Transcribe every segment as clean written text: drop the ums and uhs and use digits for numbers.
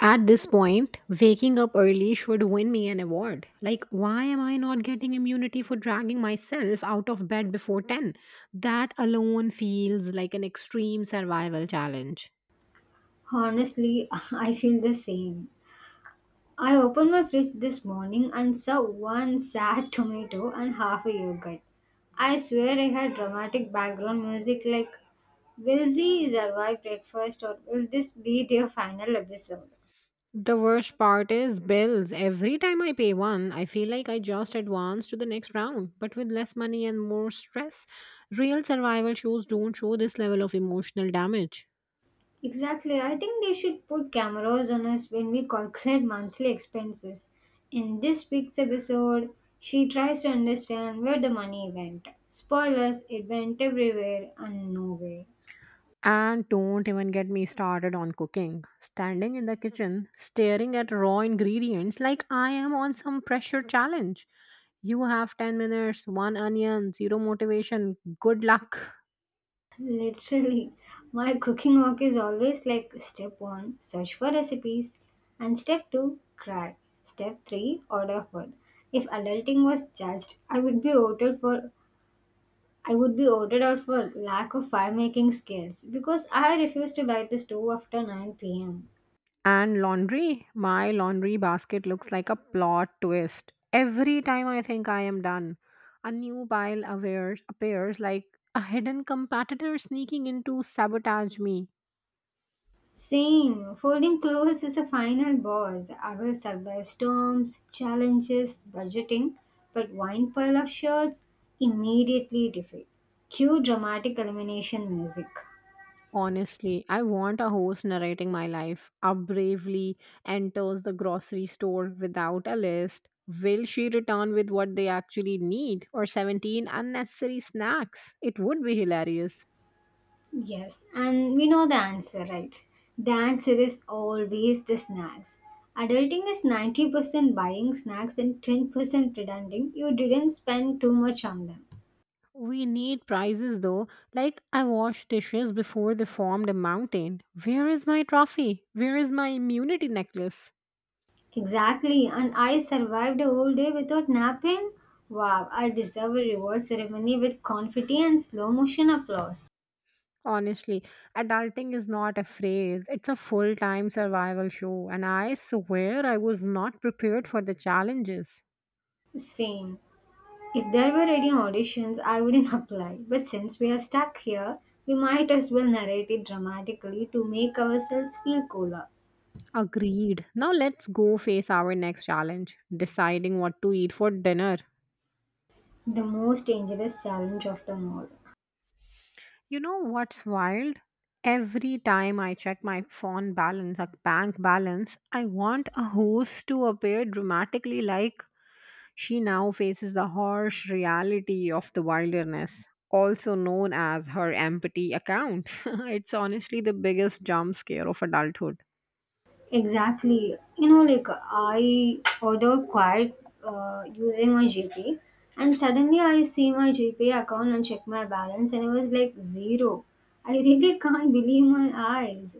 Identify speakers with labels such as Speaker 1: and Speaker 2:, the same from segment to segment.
Speaker 1: At this point, waking up early should win me an award. Like, why am I not getting immunity for dragging myself out of bed before 10? That alone feels like an extreme survival challenge.
Speaker 2: Honestly, I feel the same. I opened my fridge this morning and saw one sad tomato and half a yogurt. I swear I had dramatic background music like, will she survive breakfast or will this be their final episode?
Speaker 1: The worst part is bills. Every time I pay one, I feel like I just advance to the next round, but with less money and more stress. Real survival shows don't show this level of emotional damage.
Speaker 2: Exactly, I think they should put cameras on us when we calculate monthly expenses. In this week's episode, she tries to understand where the money went. Spoilers, it went everywhere and nowhere.
Speaker 1: And don't even get me started on cooking. Standing in the kitchen, staring at raw ingredients like I am on some pressure challenge. You have 10 minutes, one onion, zero motivation, good luck.
Speaker 2: Literally, my cooking walk is always like step one, search for recipes, and step two, cry. Step three, order food. If adulting was judged, I would be ordered for I would be ordered out for lack of fire making skills because I refuse to light the stove after 9 p.m.
Speaker 1: And laundry? My laundry basket looks like a plot twist. Every time I think I am done, a new pile appears like a hidden competitor sneaking in to sabotage me.
Speaker 2: Same, folding clothes is a final boss. I will survive storms, challenges, budgeting, but one pile of shirts, immediately defeat. Cue dramatic elimination music.
Speaker 1: Honestly, I want a host narrating my life. Up bravely enters the grocery store without a list. Will she return with what they actually need or 17 unnecessary snacks? It would be hilarious.
Speaker 2: Yes, and we know the answer, right? The answer is always the snacks. Adulting is 90% buying snacks and 10% pretending you didn't spend too much on them.
Speaker 1: We need prizes though. Like, I washed dishes before they formed a mountain. Where is my trophy? Where is my immunity necklace?
Speaker 2: Exactly, and I survived a whole day without napping. Wow, I deserve a reward ceremony with confetti and slow motion applause.
Speaker 1: Honestly, adulting is not a phrase, it's a full time survival show, and I swear I was not prepared for the challenges.
Speaker 2: Same. If there were any auditions, I wouldn't apply. But since we are stuck here, we might as well narrate it dramatically to make ourselves feel cooler.
Speaker 1: Agreed. Now let's go face our next challenge deciding what to eat for dinner.
Speaker 2: The most dangerous challenge of them all.
Speaker 1: You know what's wild? Every time I check my phone balance, like bank balance, I want a host to appear dramatically like she now faces the harsh reality of the wilderness, also known as her empathy account. It's honestly the biggest jump scare of adulthood.
Speaker 2: Exactly. You know, like I order quite, using my GPay, and suddenly I see my GPay account and check my balance, and it was like zero. I really can't believe my eyes.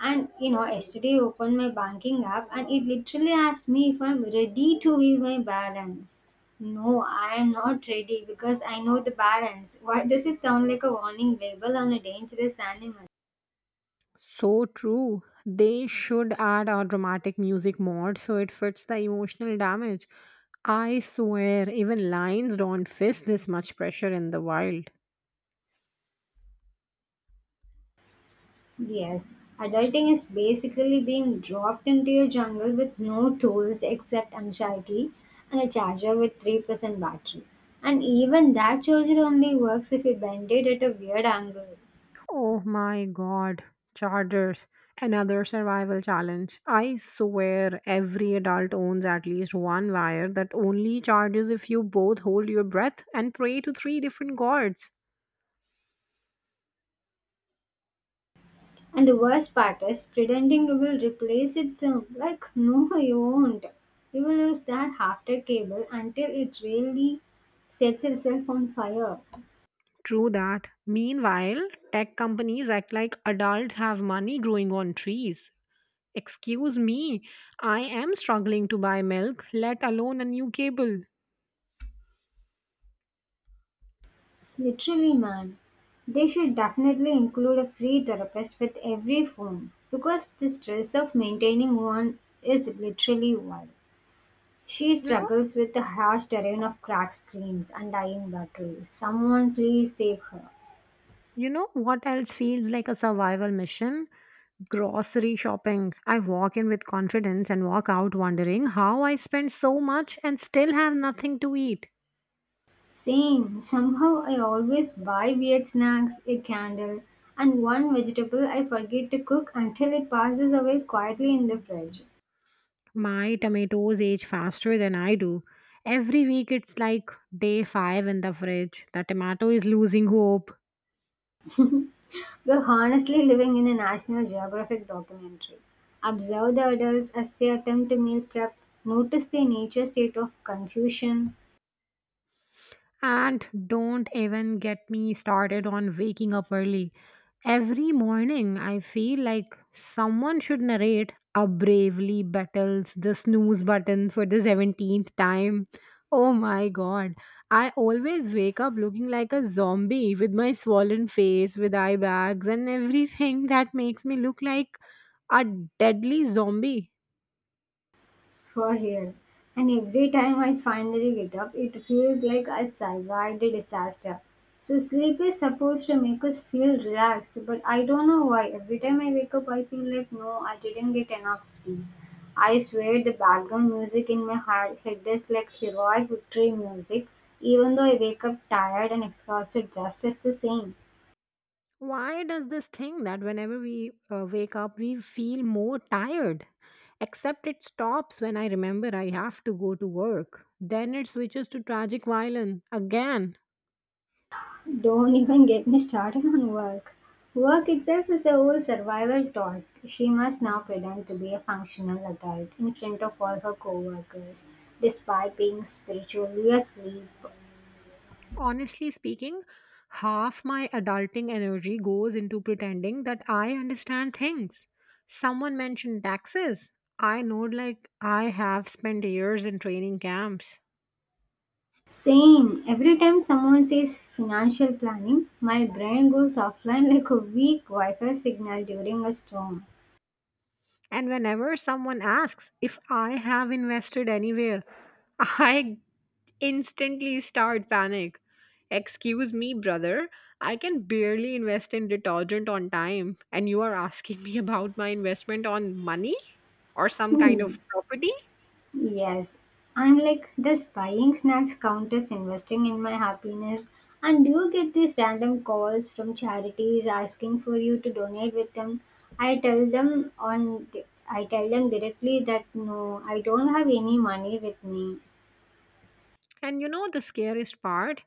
Speaker 2: And you know, yesterday I opened my banking app, and it literally asked me if I'm ready to view my balance. No, I am not ready because I know the balance. Why does it sound like a warning label on a dangerous animal?
Speaker 1: So true. They should add a dramatic music mod so it fits the emotional damage. I swear, even lions don't face this much pressure in the wild.
Speaker 2: Yes, adulting is basically being dropped into your jungle with no tools except anxiety and a charger with 3% battery. And even that charger only works if you bend it at a weird angle.
Speaker 1: Oh my god, chargers. Another survival challenge. I swear every adult owns at least one wire that only charges if you both hold your breath and pray to three different gods.
Speaker 2: And the worst part is pretending you will replace it soon. Like, no, you won't. You will use that half-dead cable until it really sets itself on fire.
Speaker 1: True that. Meanwhile, tech companies act like adults have money growing on trees. Excuse me, I am struggling to buy milk, let alone a new cable.
Speaker 2: Literally, man. They should definitely include a free therapist with every phone because the stress of maintaining one is literally wild. She
Speaker 1: You know,
Speaker 2: struggles with the harsh terrain of cracked screens and dying batteries. Someone please save her.
Speaker 1: you know what else feels like a survival mission? Grocery shopping. I walk in with confidence and walk out wondering how I spent so much and still have nothing to eat.
Speaker 2: Same. Somehow I always buy weird snacks, a candle, and one vegetable I forget to cook until it passes away quietly in the fridge.
Speaker 1: My tomatoes age faster than I do. Every week it's like day 5 in the fridge. The tomato is losing hope.
Speaker 2: We're honestly living in a National Geographic documentary. Observe the adults as they attempt to meal prep, notice their nature state of confusion.
Speaker 1: And don't even get me started on waking up early. Every morning, I feel like someone should narrate a bravely battles the snooze button for the 17th time. Oh my god. I always wake up looking like a zombie with my swollen face, with eye bags, and everything that makes me look like a deadly zombie.
Speaker 2: For real. And every time I finally get up, it feels like I survived a disaster. So sleep is supposed to make us feel relaxed, but I don't know why. Every time I wake up, I feel like no, I didn't get enough sleep. I swear the background music in my head is like heroic victory music, even though I wake up tired and exhausted just as the same.
Speaker 1: Why does this thing that whenever we wake up, we feel more tired? Except it stops when I remember I have to go to work. Then it switches to tragic violin again.
Speaker 2: Don't even get me started on work. Work itself is a whole survival task. She must now pretend to be a functional adult in front of all her coworkers, despite being spiritually asleep.
Speaker 1: Honestly speaking, half my adulting energy goes into pretending that I understand things. Someone mentioned taxes. I nod like I have spent years in training camps.
Speaker 2: Same. Every time someone says financial planning, my brain goes offline like a weak Wi Fi signal during a storm.
Speaker 1: And whenever someone asks if I have invested anywhere, I instantly start panic. Excuse me, brother. I can barely invest in detergent on time, and you are asking me about my investment on money or some kind of property?
Speaker 2: Yes, I'm like this buying snacks count as investing in my happiness. And do you get these random calls from charities asking for you to donate with them? I tell them on I tell them directly that no, I don't have any money with me.
Speaker 1: And you know the scariest part?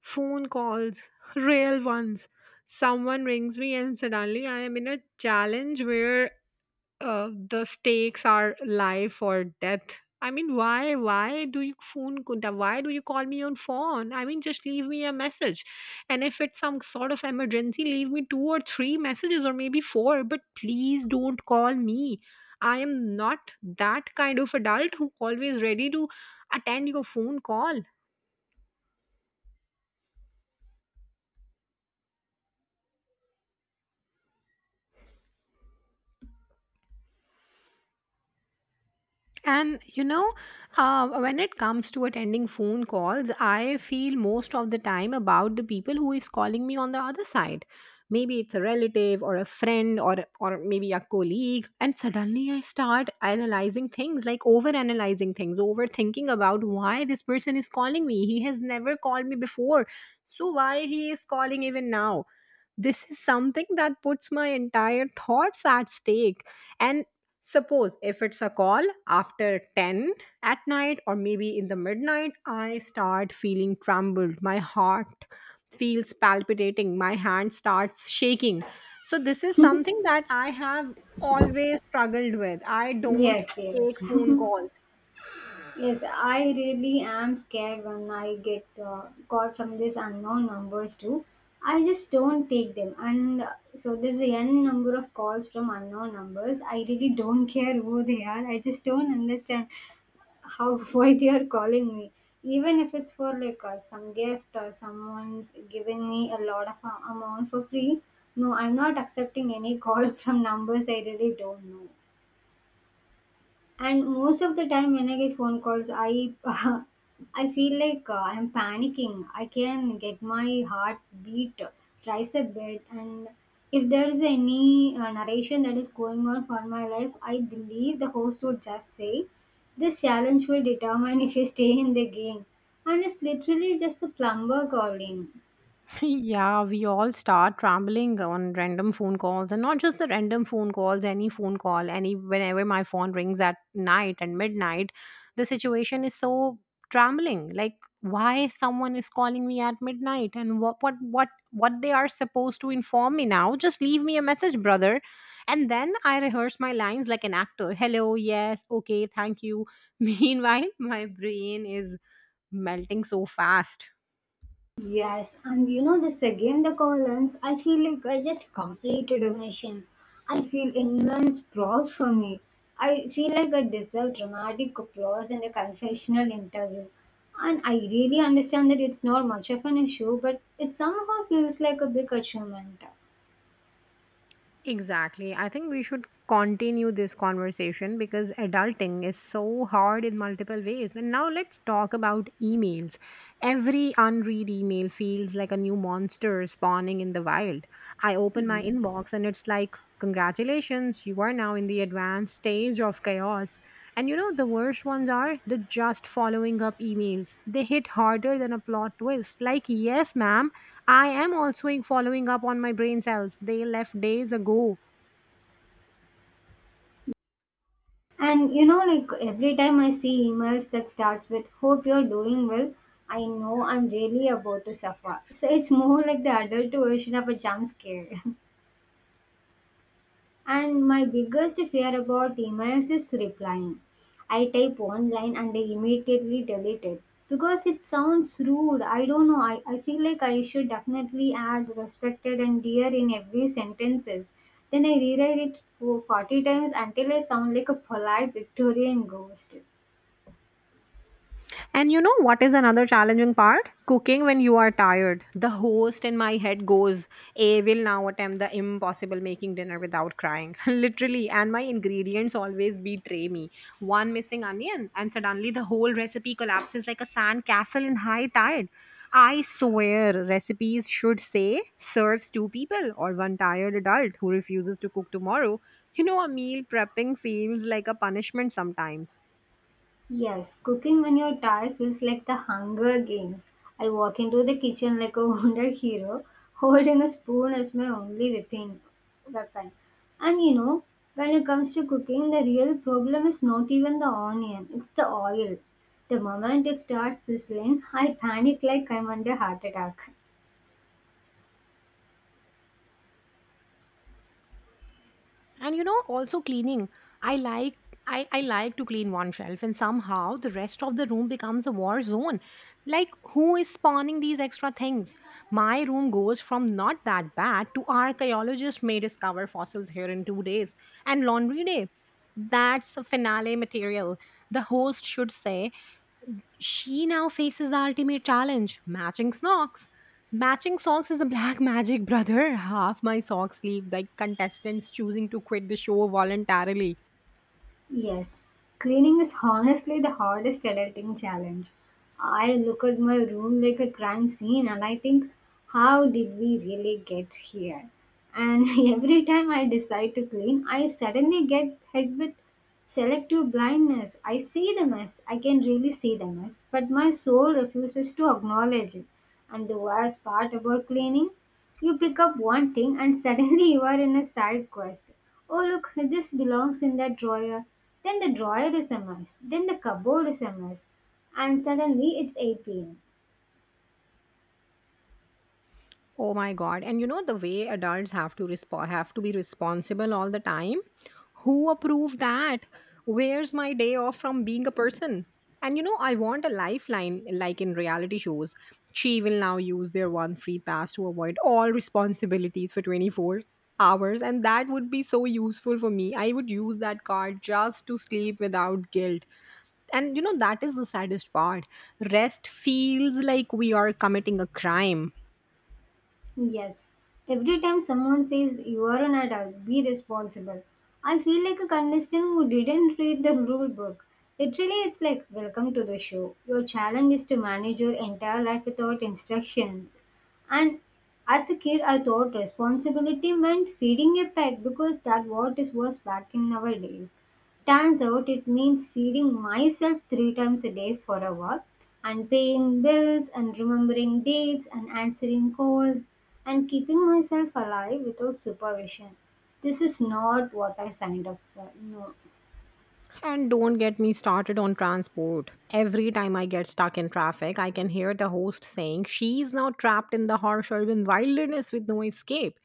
Speaker 1: Phone calls, real ones. Someone rings me, and suddenly I am in a challenge where the stakes are life or death. I mean, why do you phone, kunta why do you call me on phone? I mean, just leave me a message. And if it's some sort of emergency, leave me two or three messages or maybe four, but please don't call me. I am not that kind of adult who always ready to attend your phone call. And you know, when it comes to attending phone calls, I feel most of the time about the people who is calling me on the other side. Maybe it's a relative or a friend or maybe a colleague. And suddenly I start analyzing things, like over analyzing things, overthinking about why this person is calling me. He has never called me before. So why he is calling even now? This is something that puts my entire thoughts at stake, and suppose if it's a call after 10 at night or maybe in the midnight, I start feeling trembled, my heart feels palpitating, my hand starts shaking. So this is something that I have always struggled with. I don't
Speaker 2: Yes,
Speaker 1: take
Speaker 2: yes.
Speaker 1: phone calls.
Speaker 2: Yes, I really am scared when I get call from these unknown numbers too. I just don't take them, and so there's a n number of calls from unknown numbers. I really don't care who they are. I just don't understand how why they are calling me. Even if it's for like some gift or someone's giving me a lot of amount for free, no, I'm not accepting any call from numbers I really don't know, and most of the time when I get phone calls, I I feel like I'm panicking. I can get my heart beat twice a bit. And if there is any narration that is going on for my life, I believe the host would just say, this challenge will determine if you stay in the game, and it's literally just the plumber calling.
Speaker 1: Yeah, we all start rambling on random phone calls, and not just the random phone calls, any phone call, any whenever my phone rings at night and midnight, the situation is so trembling. Like, why someone is calling me at midnight, and what they are supposed to inform me now? Just leave me a message, brother. And then I rehearse my lines like an actor. Hello, yes, okay, thank you. Meanwhile, my brain is melting so fast.
Speaker 2: Yes, and you know this again the columns, I feel like I just completed a mission. I feel immense proud for me. I feel like I deserve dramatic applause in a confessional interview. And I really understand that it's not much of an issue, but it somehow feels like a big achievement.
Speaker 1: Exactly. I think we should continue this conversation because adulting is so hard in multiple ways. And now let's talk about emails. Every unread email feels like a new monster spawning in the wild. I open my
Speaker 2: Yes.
Speaker 1: inbox and it's like congratulations, you are now in the advanced stage of chaos. And you know, the worst ones are the just following up emails. They hit harder than a plot twist. Like, yes, ma'am, I am also following up on my brain cells. They left days ago.
Speaker 2: And you know, like every time I see emails that starts with "Hope you're doing well," I know I'm really about to suffer. So it's more like the adult version of a jump scare. And my biggest fear about emails is replying. I type one line and they immediately delete it. Because it sounds rude. I don't know. I feel like I should definitely add respected and dear in every sentences. Then I rewrite it for 40 times until I sound like a polite Victorian ghost.
Speaker 1: And you know what is another challenging part? Cooking when you are tired. The host in my head goes, a will now attempt the impossible making dinner without crying. Literally, and my ingredients always betray me. One missing onion, and suddenly the whole recipe collapses like a sand castle in high tide. I swear recipes should say serves two people or one tired adult who refuses to cook tomorrow. You know, a meal prepping feels like a punishment sometimes.
Speaker 2: Yes, cooking when you're tired feels like the Hunger Games. I walk into the kitchen like a wounded hero, holding a spoon as my only weapon. And you know, when it comes to cooking, the real problem is not even the onion, it's the oil. The moment it starts sizzling, I panic like I'm under heart attack.
Speaker 1: And you know also cleaning, i like I like to clean one shelf and somehow the rest of the room becomes a war zone. Like, who is spawning these extra things? My room goes from not that bad to archaeologist may discover fossils here in 2 days. And laundry day, that's a finale material. The host should say she now faces the ultimate challenge matching socks. Matching socks is a black magic, brother. Half my socks leave like contestants choosing to quit the show voluntarily.
Speaker 2: Yes, cleaning is honestly the hardest adulting challenge. I look at my room like a crime scene and I think, how did we really get here? And every time I decide to clean, I suddenly get hit with selective blindness. I see the mess, I can really see the mess, but my soul refuses to acknowledge it. And the worst part about cleaning? You pick up one thing and suddenly you are in a side quest. Oh, look, this belongs in that drawer. Then the drawer is a mess. Then the cupboard is a mess. And suddenly it's 8 pm.
Speaker 1: Oh my god. And you know the way adults have to be responsible all the time? Who approved that? Where's my day off from being a person? And you know, I want a lifeline like in reality shows. She will now use their one free pass to avoid all responsibilities for 24 hours, and that would be so useful for me. I would use that card just to sleep without guilt. And you know, that is the saddest part. Rest feels like we are committing a crime.
Speaker 2: Yes, every time someone says you are an adult, be responsible. I feel like a contestant who didn't read the rule book. Literally, it's like, welcome to the show. Your challenge is to manage your entire life without instructions. And as a kid, I thought responsibility meant feeding a pet because that what it was back in our days. Turns out it means feeding myself three times a day for a while, and paying bills and remembering dates and answering calls and keeping myself alive without supervision. This is not what I signed up for. No.
Speaker 1: And don't get me started on transport. Every time I get stuck in traffic, I can hear the host saying she's now trapped in the harsh urban wilderness with no escape.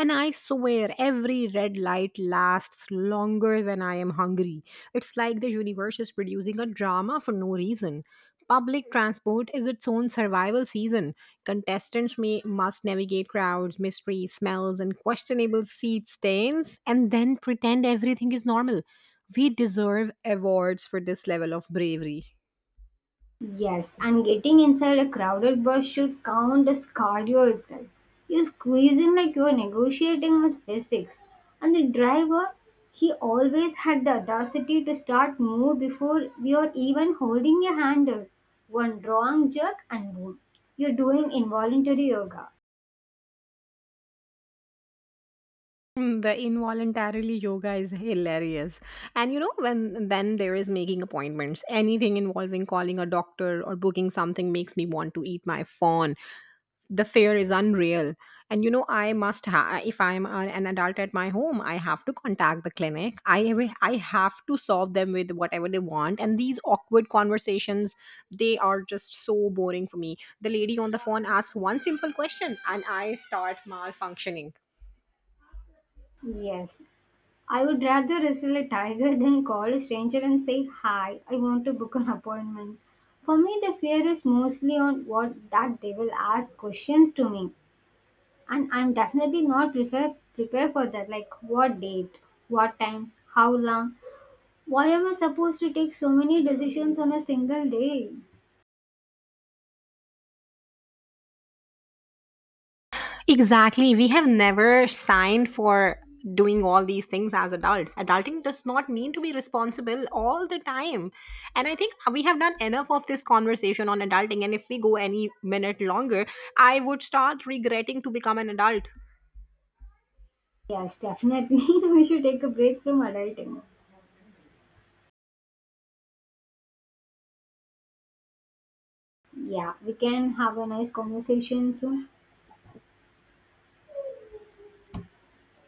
Speaker 1: And I swear, every red light lasts longer than I am hungry. It's like the universe is producing a drama for no reason. Public transport is its own survival season. Contestants must navigate crowds, mysteries, smells, and questionable seat stains, and then pretend everything is normal. We deserve awards for this level of bravery.
Speaker 2: Yes, and getting inside a crowded bus should count as cardio itself. You squeeze in like you're negotiating with physics. And the driver, he always had the audacity to start move before you're even holding a handle. One wrong jerk and boom, you're doing involuntary yoga.
Speaker 1: Mm, the involuntarily yoga is hilarious. And you know, when then there is making appointments, anything involving calling a doctor or booking something makes me want to eat my phone. The fear is unreal. And you know, if I'm an adult at my home, I have to contact the clinic. I have to solve them with whatever they want. And these awkward conversations, they are just so boring for me. The lady on the phone asks one simple question, and I start malfunctioning.
Speaker 2: Yes. I would rather wrestle a tiger than call a stranger and say, hi, I want to book an appointment. For me, the fear is mostly on what that they will ask questions to me. And I'm definitely not prepare for that. Like, what date, what time, how long. Why am I supposed to take so many decisions on a single day?
Speaker 1: Exactly. We have never signed for doing all these things as adults. Adulting does not mean to be responsible all the time. And I think we have done enough of this conversation on adulting. And if we go any minute longer, I would start regretting to become an adult.
Speaker 2: Yes, definitely. We should take a break from adulting. Yeah, we can have a nice conversation soon.